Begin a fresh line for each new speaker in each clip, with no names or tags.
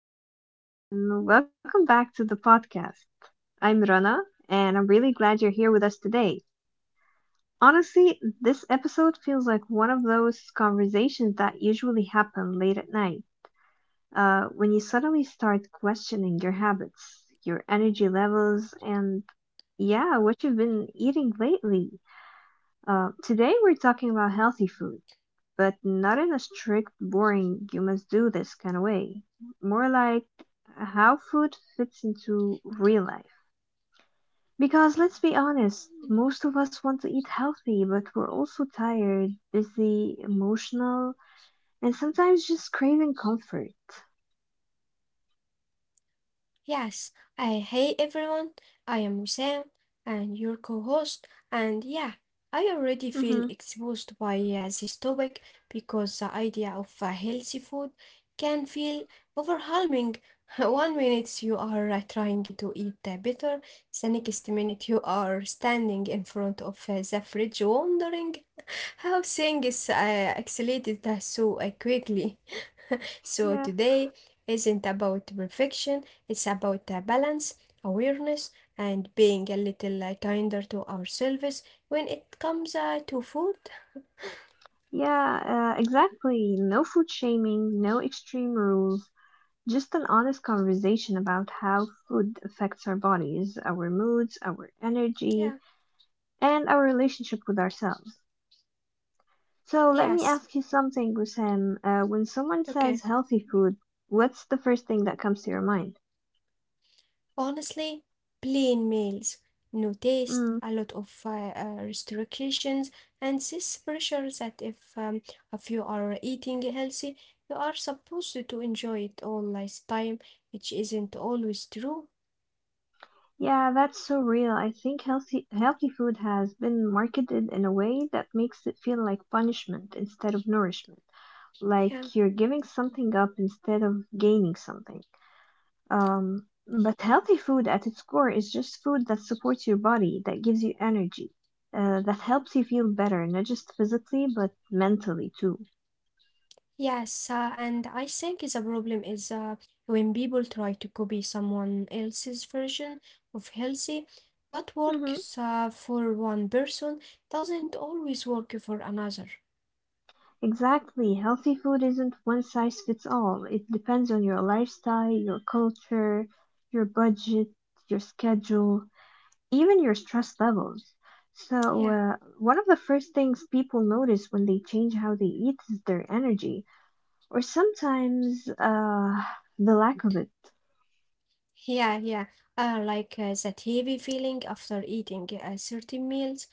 everyone, and welcome back to the podcast. I'm Rana, and I'm really glad you're here with us today. Honestly, this episode feels like one of those conversations that usually happen late at night, when you suddenly start questioning your habits, your energy levels, and yeah, what you've been eating lately. Today we're talking about healthy food but not in a strict, boring, you must do this kind of way. More like how food fits into real life. Because let's be honest, most of us want to eat healthy, but we're also tired, busy, emotional, and sometimes just craving comfort.
Yes, I hey everyone. I am Sam and your co-host, and yeah, I already feel
Mm-hmm.
exposed by this topic because the idea of healthy food can feel overwhelming. One minute you are trying to eat better, the next minute you are standing in front of the fridge wondering how things accelerated so quickly. So
Yeah.
today isn't about perfection, it's about a balance, awareness, and being a little kinder to ourselves when it comes to food.
Yeah, exactly. No food shaming, no extreme rules, just an honest conversation about how food affects our bodies, our moods, our
Yeah,
energy, and our relationship with ourselves. So let me
yes,
ask you something, Wissam. When someone
okay.
says healthy food, what's the first thing that comes to your mind?
Honestly, plain meals, no taste,
Mm,
a lot of restrictions, and this pressure that if you are eating healthy, you are supposed to enjoy it all last time, which isn't always true.
yeah, that's so real. I think healthy food has been marketed in a way that makes it feel like punishment instead of nourishment,
Yeah.
like you're giving something up instead of gaining something. But healthy food at its core is just food that supports your body, that gives you energy, that helps you feel better, not just physically, but mentally too.
Yes, and I think is a problem is when people try to copy someone else's version of healthy. What
Mm-hmm.
works for one person doesn't always work for another.
Exactly. Healthy food isn't one size fits all. It depends on your lifestyle, your culture, your budget, your schedule, even your stress levels. So,
Yeah,
one of the first things people notice when they change how they eat is their energy, or sometimes the lack of it.
yeah, yeah. Like that heavy feeling after eating certain meals.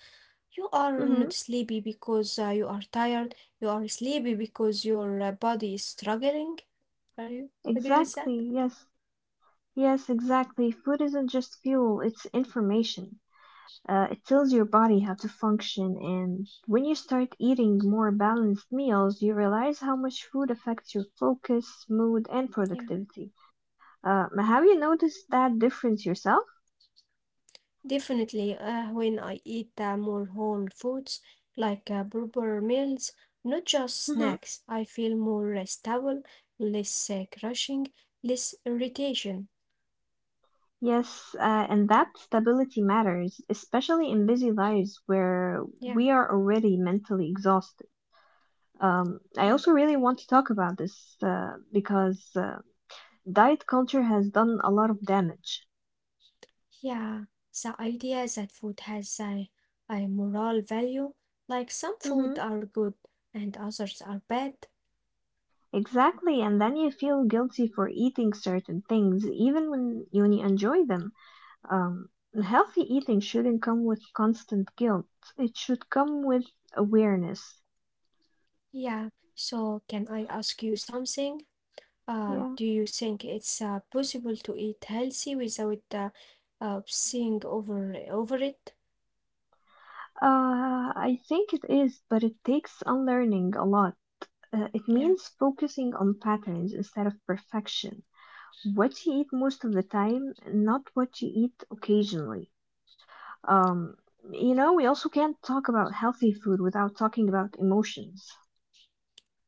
You are
Mm-hmm.
not sleepy because you are tired. You are sleepy because your body is struggling. Are you agree with that?
Exactly. Yes. Yes, exactly. Food isn't just fuel, it's information. It tells your body how to function, and when you start eating more balanced meals, you realize how much food affects your focus, mood, and
Yeah.
productivity. Have you noticed that difference yourself?
Definitely, when I eat more whole foods, like proper meals, not just
Mm-hmm.
snacks, I feel more stable, less crushing, less irritation.
Yes, and that stability matters, especially in busy lives where
Yeah,
we are already mentally exhausted. I
yeah,
also really want to talk about this, because. Diet culture has done a lot of damage.
yeah. The idea that food has a moral value, like some
Mm-hmm.
food are good and others are bad.
Exactly, and then you feel guilty for eating certain things, even when you enjoy them. Um, healthy eating shouldn't come with constant guilt. It should come with awareness.
Yeah, so can I ask you something?
Yeah.
Do you think it's possible to eat healthy without seeing over it?
I think it is, but it takes unlearning a lot. It
Yeah,
means focusing on patterns instead of perfection. What you eat most of the time, not what you eat occasionally. Um, we also can't talk about healthy food without talking about emotions.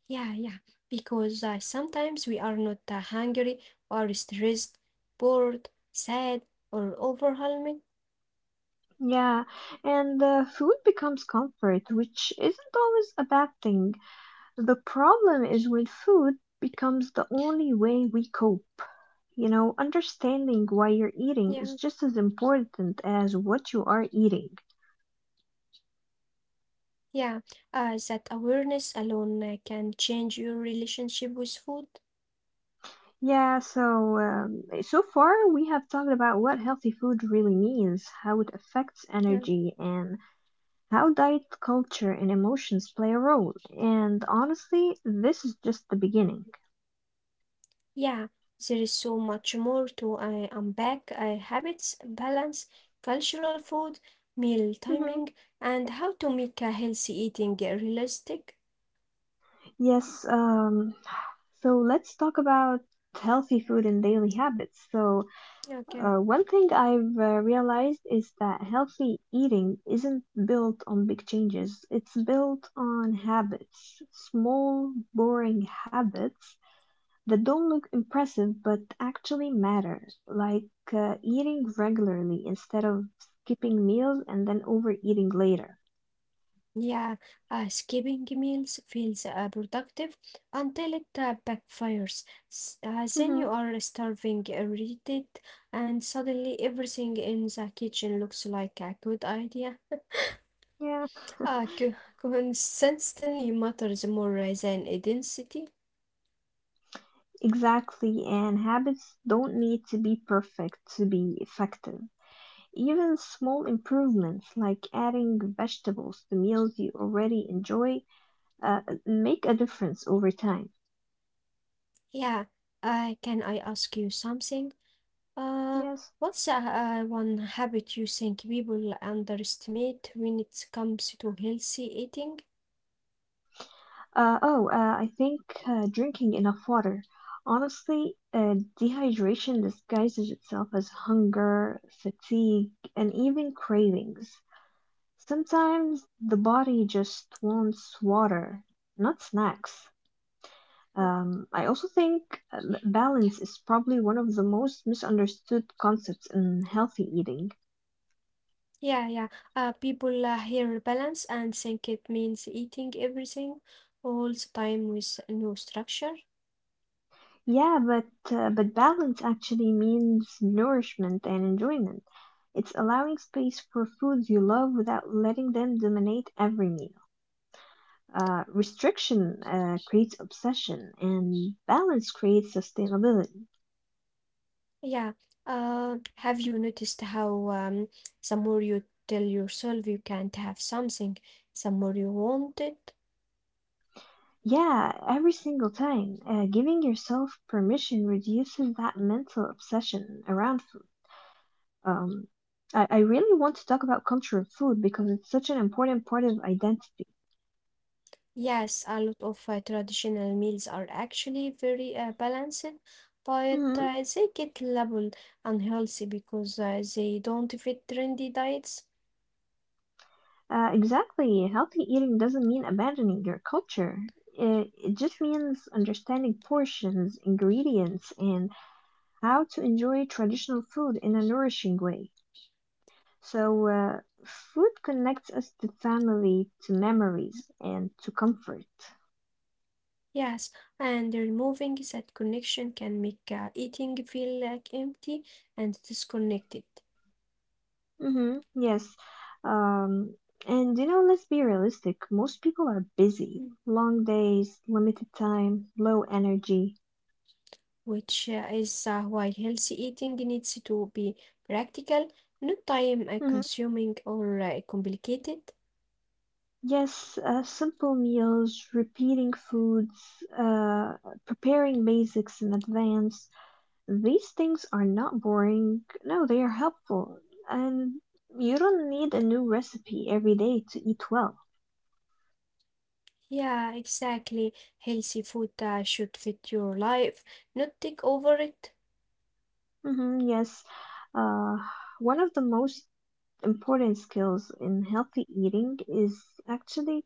yeah, yeah. Because sometimes we are not hungry, or stressed, bored, sad, or overwhelming.
Yeah, and food becomes comfort, which isn't always a bad thing. The problem is when food becomes the only way we cope. Understanding why you're eating is
Yeah,
just as important as what you are eating.
yeah. That awareness alone can change your relationship with food.
Yeah, so far we have talked about what healthy food really means, how it affects
Yeah.
energy, and how diet culture and emotions play a role. And honestly, this is just the beginning.
Yeah, there is so much more to unpack: habits, balance, cultural food, meal
Hmm.
timing, and how to make a healthy eating realistic.
Yes, so let's talk about healthy food and daily habits. So,
Okay.
one thing I've realized is that healthy eating isn't built on big changes, it's built on habits, small, boring habits that don't look impressive but actually matter, like eating regularly instead of skipping meals and then overeating later.
Yeah, skipping meals feels productive until it backfires. Then
Hmm.
you are starving, irritated, and suddenly everything in the kitchen looks like a good idea.
Yeah,
Uh, co- consistency matters more than intensity.
exactly. And habits don't need to be perfect to be effective. Even small improvements like adding vegetables to meals you already enjoy uh, make a difference over time.
Yeah, can I ask you something? Uh,
Yes.
what's one habit you think people underestimate when it comes to healthy eating?
Oh, I think drinking enough water. Honestly, dehydration disguises itself as hunger, fatigue, and even cravings. Sometimes the body just wants water, not snacks.
Uh,
I also think balance is probably one of the most misunderstood concepts in healthy eating.
yeah, yeah. People hear balance and think it means eating everything all the time with no structure.
Yeah, but balance actually means nourishment and enjoyment. It's allowing space for foods you love without letting them dominate every meal. Restriction creates obsession, and balance creates sustainability.
Yeah. Have you noticed how, the more you tell yourself you can't have something, the more you want it?
Yeah, every single time, giving yourself permission reduces that mental obsession around food. I really want to talk about culture of food because it's such an important part of identity.
Yes, a lot of traditional meals are actually very balanced, but
Hmm.
they get labeled unhealthy because they don't fit trendy diets.
Exactly. Healthy eating doesn't mean abandoning your culture. It just means understanding portions, ingredients, and how to enjoy traditional food in a nourishing way. So, food connects us to family, to memories, and to comfort.
Yes, and removing that connection can make eating feel like empty and disconnected.
Mm-hmm. Yes. Um, and let's be realistic. Most people are busy.
Mm.
Long days, limited time, low energy.
Which is why healthy eating needs to be practical, not time
Mhm.
consuming or complicated.
Yes, simple meals, repeating foods, uh, preparing basics in advance. These things are not boring. No, they are helpful. And you don't need a new recipe every day to eat well.
Yeah, exactly. Healthy food should fit your life, not take over it.
Hmm. Yes. Uh, one of the most important skills in healthy eating is actually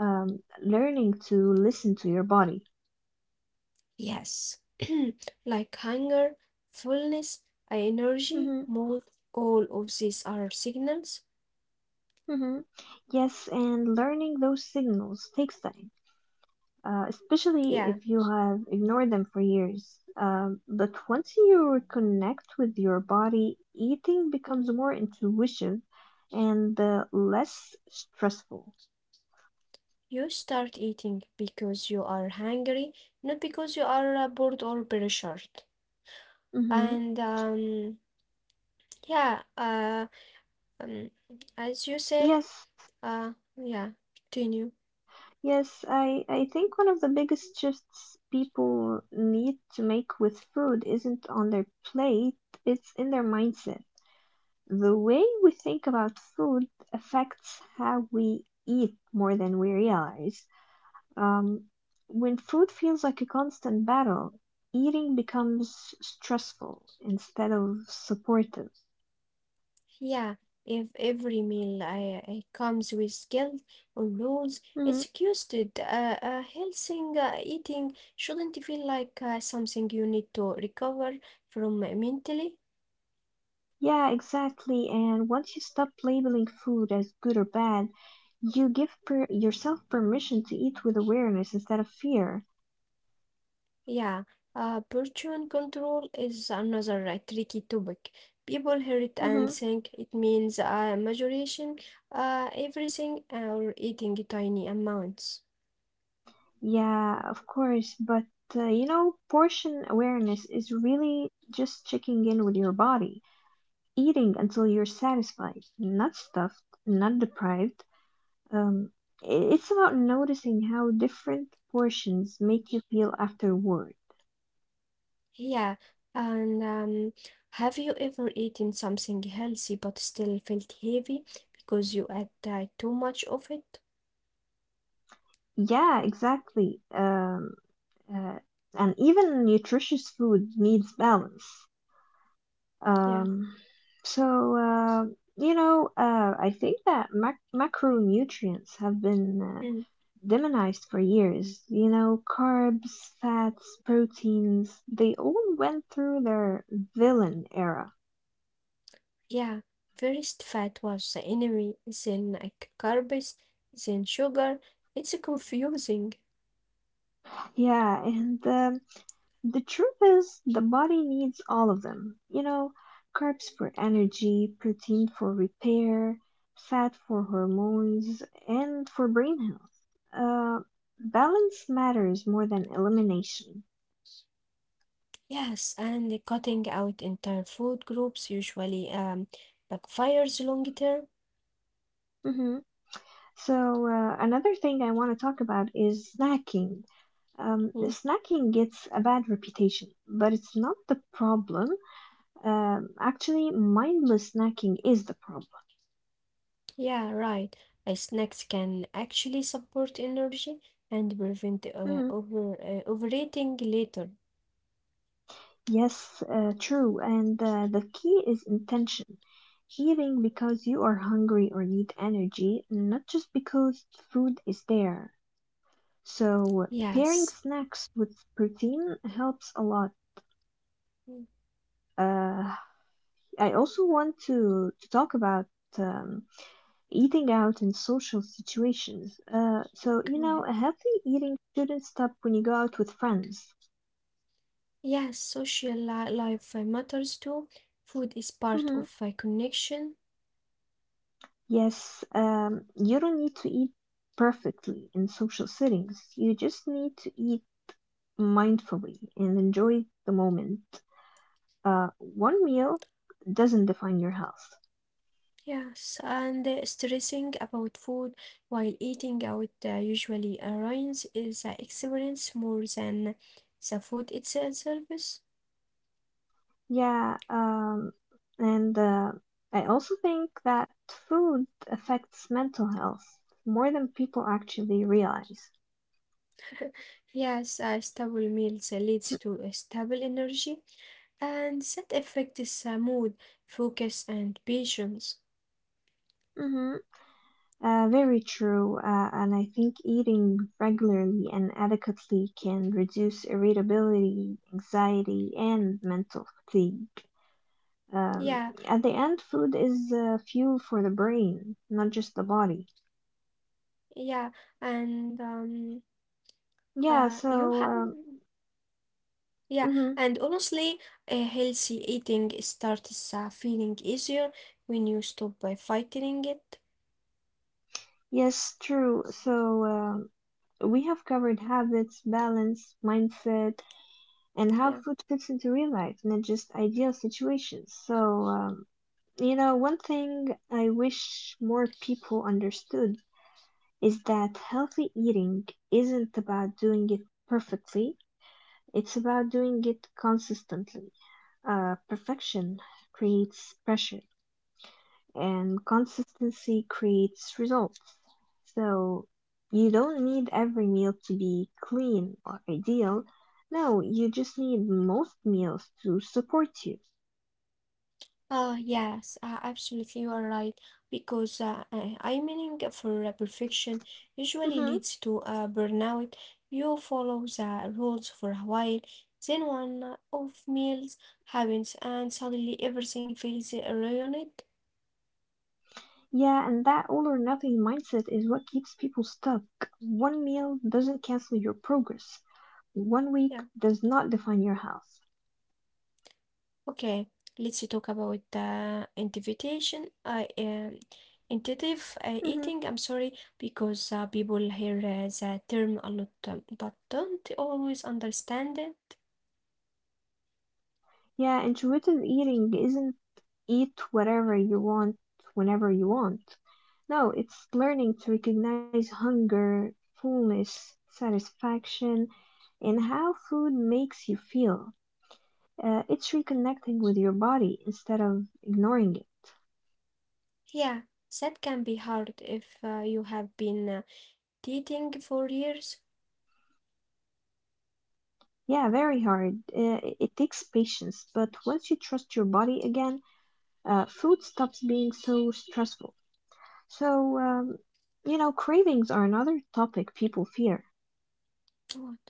learning to listen to your body.
Yes. Like hunger, fullness, energy,
Hmm.
mood, all of these are signals.
Hmm. Yes, and learning those signals takes time, especially
Yeah.
if you have ignored them for years. But once you reconnect with your body, eating
Mm.
becomes more intuitive and less stressful.
You start eating because you are hungry, not because you are bored or pressured.
Hmm.
And yeah, um, as you say,
Yes,
yeah, continue.
yes, I think one of the biggest shifts people need to make with food isn't on their plate, it's in their mindset. The way we think about food affects how we eat more than we realize. Um, when food feels like a constant battle, eating becomes stressful instead of supportive.
Yeah, if every meal I comes with guilt or rules,
Hmm.
it's excused. Healthy eating shouldn't feel like something you need to recover from mentally.
Yeah, exactly. And once you stop labeling food as good or bad, you give yourself permission to eat with awareness instead of fear.
Yeah, portion control is another tricky topic. People hear it
Hmm.
and think it means moderation, everything, or eating tiny amounts.
Yeah, of course, but portion awareness is really just checking in with your body, eating until you're satisfied, not stuffed, not deprived. Um, it's about noticing how different portions make you feel afterward.
Yeah, and have you ever eaten something healthy but still felt heavy because you ate too much of it?
Yeah, exactly. Uh, and even nutritious food needs balance.
Yeah,
Um, so, I think that macronutrients have been
mm,
demonized for years. You know, carbs, fats, proteins, they all went through their villain era.
yeah. First, fat was the enemy, then carbs, then sugar. It's confusing.
Yeah, and the truth is, the body needs all of them. You know, carbs for energy, protein for repair, fat for hormones, and for brain health. Uh, balance matters more than elimination.
Yes, and the cutting out entire food groups usually backfires long term.
Hmm. So, another thing I want to talk about is snacking. Um,
Hmm.
snacking gets a bad reputation, but it's not the problem. Actually, mindless snacking is the problem.
Yeah, right. Snacks can actually support energy and prevent
Hmm.
overeating later.
Yes, true. And the key is intention. Eating because you are hungry or need energy, not just because food is there. So, pairing
Yes.
snacks with protein helps a lot.
Mm.
Uh, I also want to talk about um, eating out in social situations. Uh, so, you
Go
know,
ahead.
a healthy eating shouldn't stop when you go out with friends.
Yes, social li life matters too. Food is part
Mhm.
of connection.
Yes, you don't need to eat perfectly in social settings. You just need to eat mindfully and enjoy the moment. One meal doesn't define your health.
Yes, and stressing about food while eating out usually ruins is experience more than the food itself.
Yeah, and I also think that food affects mental health more than people actually realize.
Yes, a stable meals leads to a stable energy. And that affects mood, focus, and patience.
Hmm. Very true, and I think eating regularly and adequately can reduce irritability, anxiety, and mental fatigue. Um,
Yeah,
at the end, food is fuel for the brain, not just the body.
yeah, and
Yeah,
uh, you
so,
have, yeah,
mhm,
and honestly, a healthy eating starts feeling easier when you stop by fighting it.
yes, true. So, we have covered habits, balance, mindset, and how
Yeah.
food fits into real life, not just ideal situations. So, One thing I wish more people understood is that healthy eating isn't about doing it perfectly, it's about doing it consistently. Perfection creates pressure, and consistency creates results. So, you don't need every meal to be clean or ideal. No, you just need most meals to support you.
Yes, absolutely, you are right. Because I meaning for perfection usually
Mhm.
leads to burnout. You follow the rules for a while, then one off meals happens, and suddenly everything feels ruined.
Yeah, and that all or nothing mindset is what keeps people stuck. One meal doesn't cancel your progress. One week
Yeah.
does not define your health.
Okay, let's talk about invitation. I Intuitive
Hmm.
eating. I'm sorry, because people hear the term a lot, but don't always understand it.
Yeah, intuitive eating isn't eat whatever you want whenever you want. No, it's learning to recognize hunger, fullness, satisfaction, and how food makes you feel. It's reconnecting with your body instead of ignoring it.
Yeah, that can be hard if you have been dating for years.
Yeah, very hard. It takes patience, but once you trust your body again, food stops being so stressful. So, you know, cravings are another topic people fear.
What?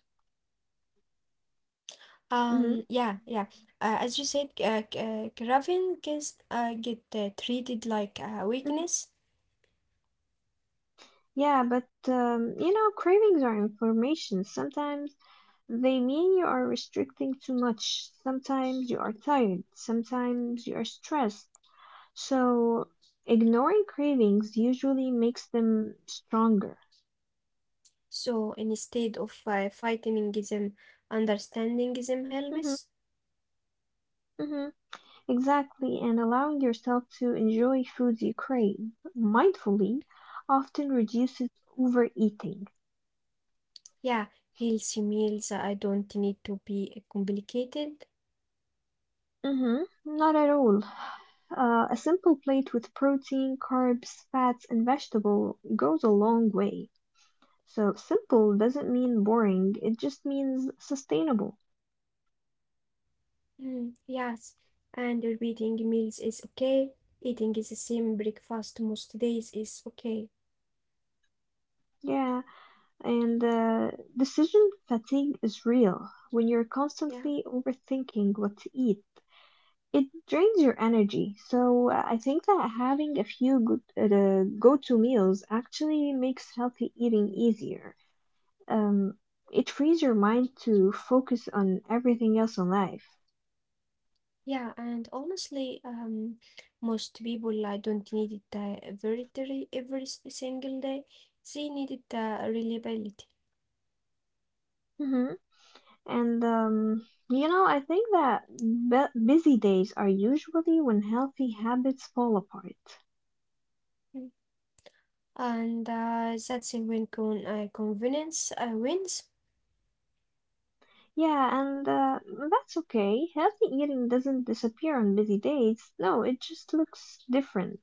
Hmm.
Yeah, yeah. As you said, craving gets get treated like a weakness.
Yeah, but cravings are information. Sometimes they mean you are restricting too much. Sometimes you are tired. Sometimes you are stressed. So, ignoring cravings usually makes them stronger.
So instead of fighting them, understanding them
Hmm.
helps.
Hmm. Exactly, and allowing yourself to enjoy foods you crave mindfully often reduces overeating.
Yeah, healthy meals. I don't need to be complicated.
Mm-hmm. Not at all. A simple plate with protein, carbs, fats, and vegetable goes a long way. So simple doesn't mean boring, it just means sustainable.
Mm, yes, and repeating meals is okay. Eating is the same breakfast most days is okay.
Yeah, and decision fatigue is real. When you're
Yeah.
constantly overthinking what to eat, it drains your energy. So I think that having a few good, go-to meals actually makes healthy eating easier. Um, it frees your mind to focus on everything else in life.
Yeah, and honestly, most people I don't need it every day, every single day. They need it, reliability.
hmm And I think that busy days are usually when healthy habits fall apart.
Mm. And that's when convenience wins.
Yeah, and that's okay. Healthy eating doesn't disappear on busy days. No, it just looks different.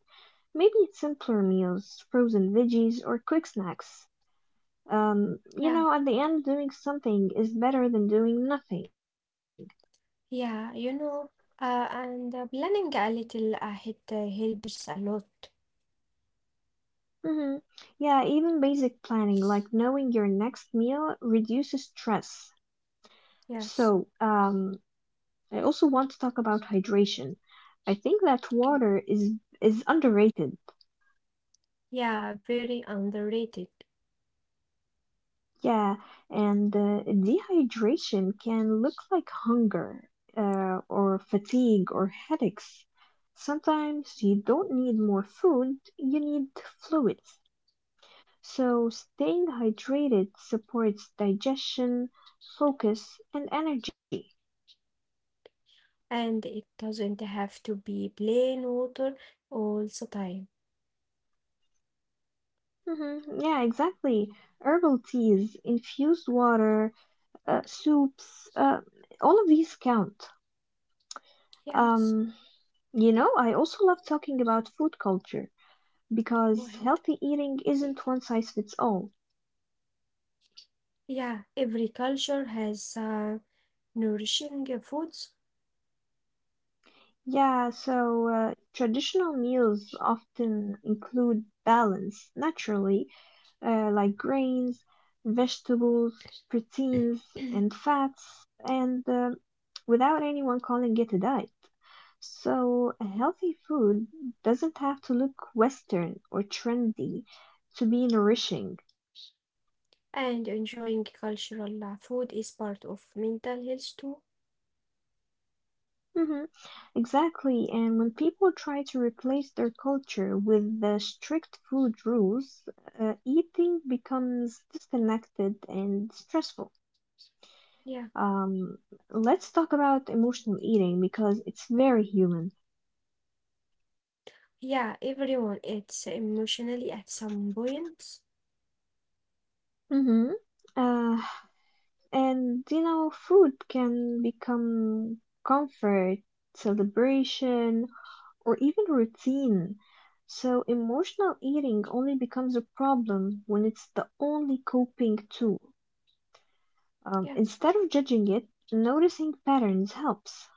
Maybe it's simpler meals, frozen veggies, or quick snacks.
Yeah,
At the end, doing something is better than doing nothing.
yeah, and planning a little ahead helps a lot.
Hmm. Yeah, even basic planning, like knowing your next meal, reduces stress.
Yes.
So, I also want to talk about hydration. I think that
Okay.
water is underrated.
Yeah, very underrated,
Yeah, and dehydration can look like hunger, or fatigue or headaches. Sometimes you don't need more food, you need fluids. So staying hydrated supports digestion, focus, and energy.
and it doesn't have to be plain water all the time.
Hmm. Yeah, exactly. Herbal teas, infused water, soups, all of these count. Um,
Yes.
I also love talking about food culture
Go
because
ahead.
healthy eating isn't one size fits all.
Yeah, every culture has nourishing foods,
Yeah, so traditional meals often include balance naturally, like grains, vegetables, proteins, and fats, and without anyone calling it a diet. So, a healthy food doesn't have to look Western or trendy to be nourishing.
and enjoying cultural food is part of mental health too.
Hmm. Exactly. And when people try to replace their culture with the strict food rules, eating becomes disconnected and stressful.
Yeah,
Um, let's talk about emotional eating because it's very human.
yeah, everyone eats emotionally at some point.
Hmm. Uh, and food can become comfort, celebration, or even routine. So emotional eating only becomes a problem when it's the only coping tool.
Yeah,
Instead of judging it, noticing patterns helps.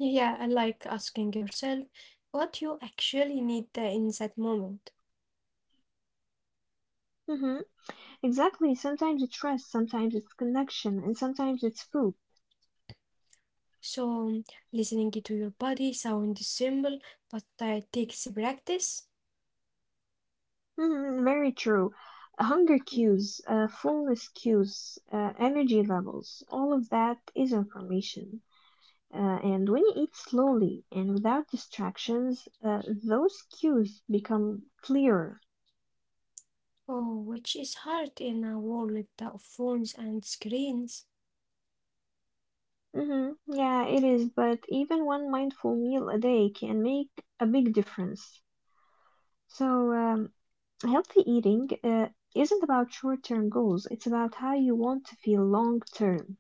yeah, I like asking yourself what you actually need in that moment.
Hmm. Exactly. Sometimes it's rest, sometimes it's connection, and sometimes it's food.
So, listening to your body sounds simple, but it takes practice.
Hmm. Very true. Hunger
Mm.
cues, fullness cues, energy levels, all of that is information. And when you eat slowly and without distractions, those cues become clearer.
Oh, which is hard in a world of phones and screens.
Hmm. Yeah, it is, but even one mindful meal a day can make a big difference. So, um, healthy eating isn't about short term goals, it's about how you want to feel long term.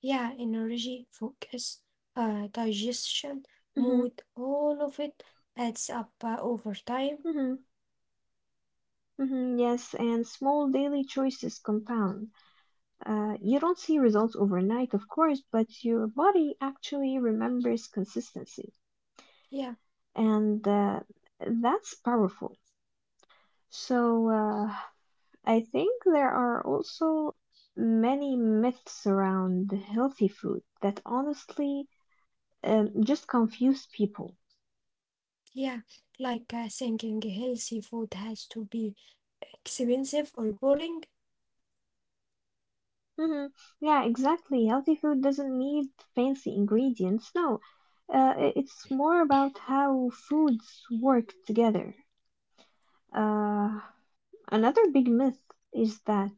Yeah, energy, focus, digestion,
hmm
mood, all of it adds up over time.
hmm Yes, and small daily choices compound. You don't see results overnight, of course, but your body actually remembers consistency.
Yeah,
And that's powerful. So I think there are also many myths around healthy food that honestly just confuse people.
yeah. Like thinking healthy food has to be expensive or boring.
Hmm. Yeah, exactly. Healthy food doesn't need fancy ingredients. No, it's more about how foods work together. Uh, Another big myth is that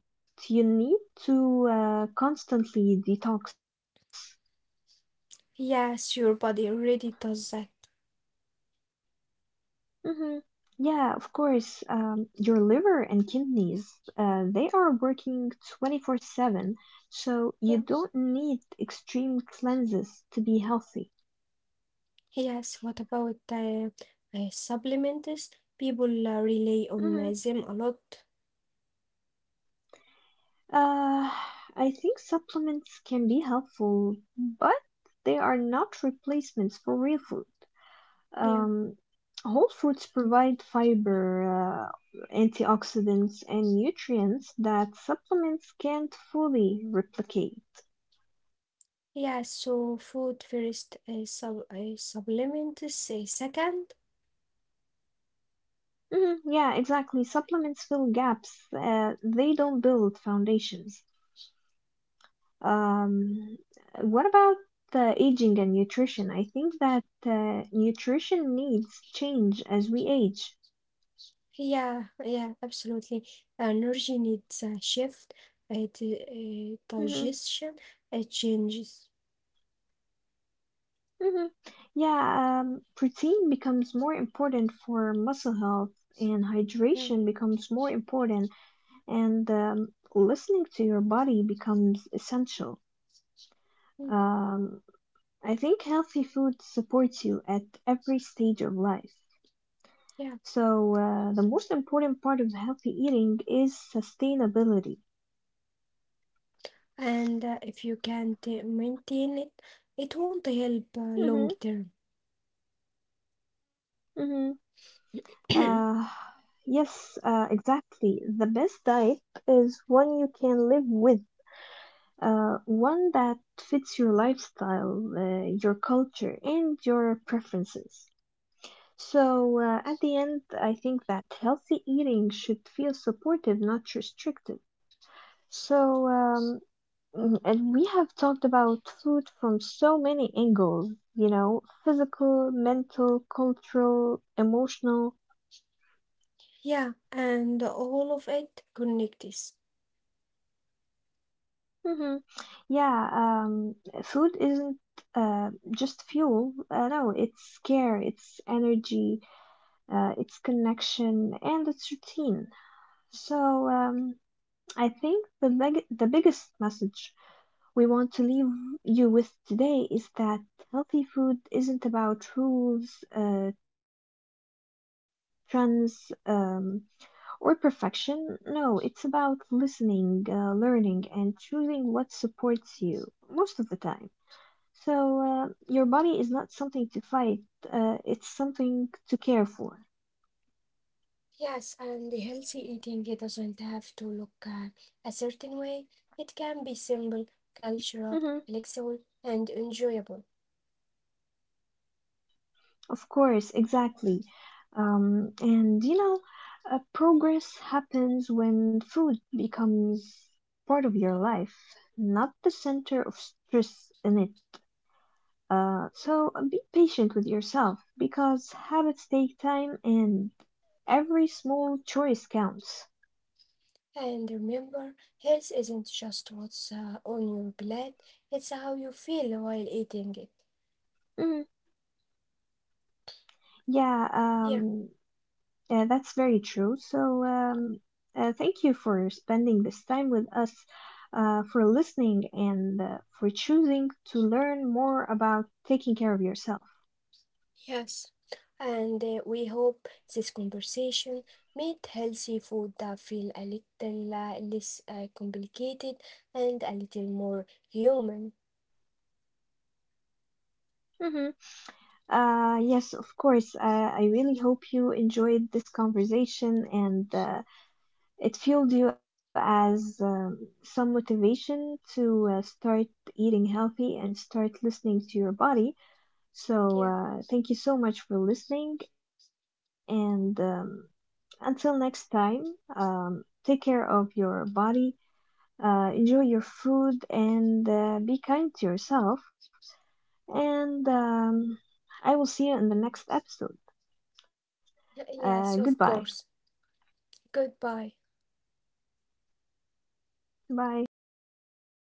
you need to constantly detox.
Yes, your body already does that.
Hmm. Yeah, of course. Your liver and kidneys, they are working 24/7, so you
Yeah.
don't need extreme cleanses to be healthy.
Yes, what about supplements? People rely on
Hmm.
them a lot.
Uh, I think supplements can be helpful, but they are not replacements for real food.
Yeah.
Um, Whole foods provide fiber, uh, antioxidants, and nutrients that supplements can't fully replicate.
Yeah, so food first, supplements second.
Mhm, yeah, exactly. Supplements fill gaps. They don't build foundations. Um, what about the aging and nutrition? I think that nutrition needs change as we age.
Yeah, yeah, absolutely. Energy needs a shift, a
hmm
digestion, it changes.
hmm Yeah, protein becomes more important for muscle health, and
Yeah,
hydration becomes more important, and listening to your body becomes essential.
mm,
Um, I think healthy food supports you at every stage of life.
yeah.
So, the most important part of healthy eating is sustainability.
And if you can't maintain it, it won't help
Mm-hmm,
long term.
mm-hmm. Uh, yes, exactly. The best diet is one you can live with, one that fits your lifestyle, your culture, and your preferences. So, at the end, I think that healthy eating should feel supportive, not restrictive. So, and we have talked about food from so many angles, you know, physical, mental, cultural, emotional.
Yeah, and all of it connects.
Hmm. Yeah, um, food isn't just fuel. No, it's care, it's energy, it's connection, and it's routine. So, um, I think the biggest message we want to leave you with today is that healthy food isn't about rules, trends, or perfection. No, it's about listening, learning, and choosing what supports you most of the time. So, your body is not something to fight, it's something to care for.
Yes, and the healthy eating it doesn't have to look a certain way. It can be simple, cultural,
Mhm.
flexible, and enjoyable.
Of course, exactly. And progress happens when food becomes part of your life, not the center of stress in it. So be patient with yourself because habits take time and every small choice counts.
And remember, health isn't just what's on your plate, it's how you feel while eating it.
Mm, yeah,
Yeah,
um, that's very true. So, thank you for spending this time with us, for listening, and for choosing to learn more about taking care of yourself.
yes. And we hope this conversation made healthy food feel a little less complicated, and a little more human.
Mm-hmm. Yes, of course. I really hope you enjoyed this conversation and it fueled you as some motivation to start eating healthy and start listening to your body. So,
Yeah,
thank you so much for listening and until next time, take care of your body, enjoy your food, and be kind to yourself. And I will see you in the next episode. Goodbye.
yes, of course. Goodbye.
Bye.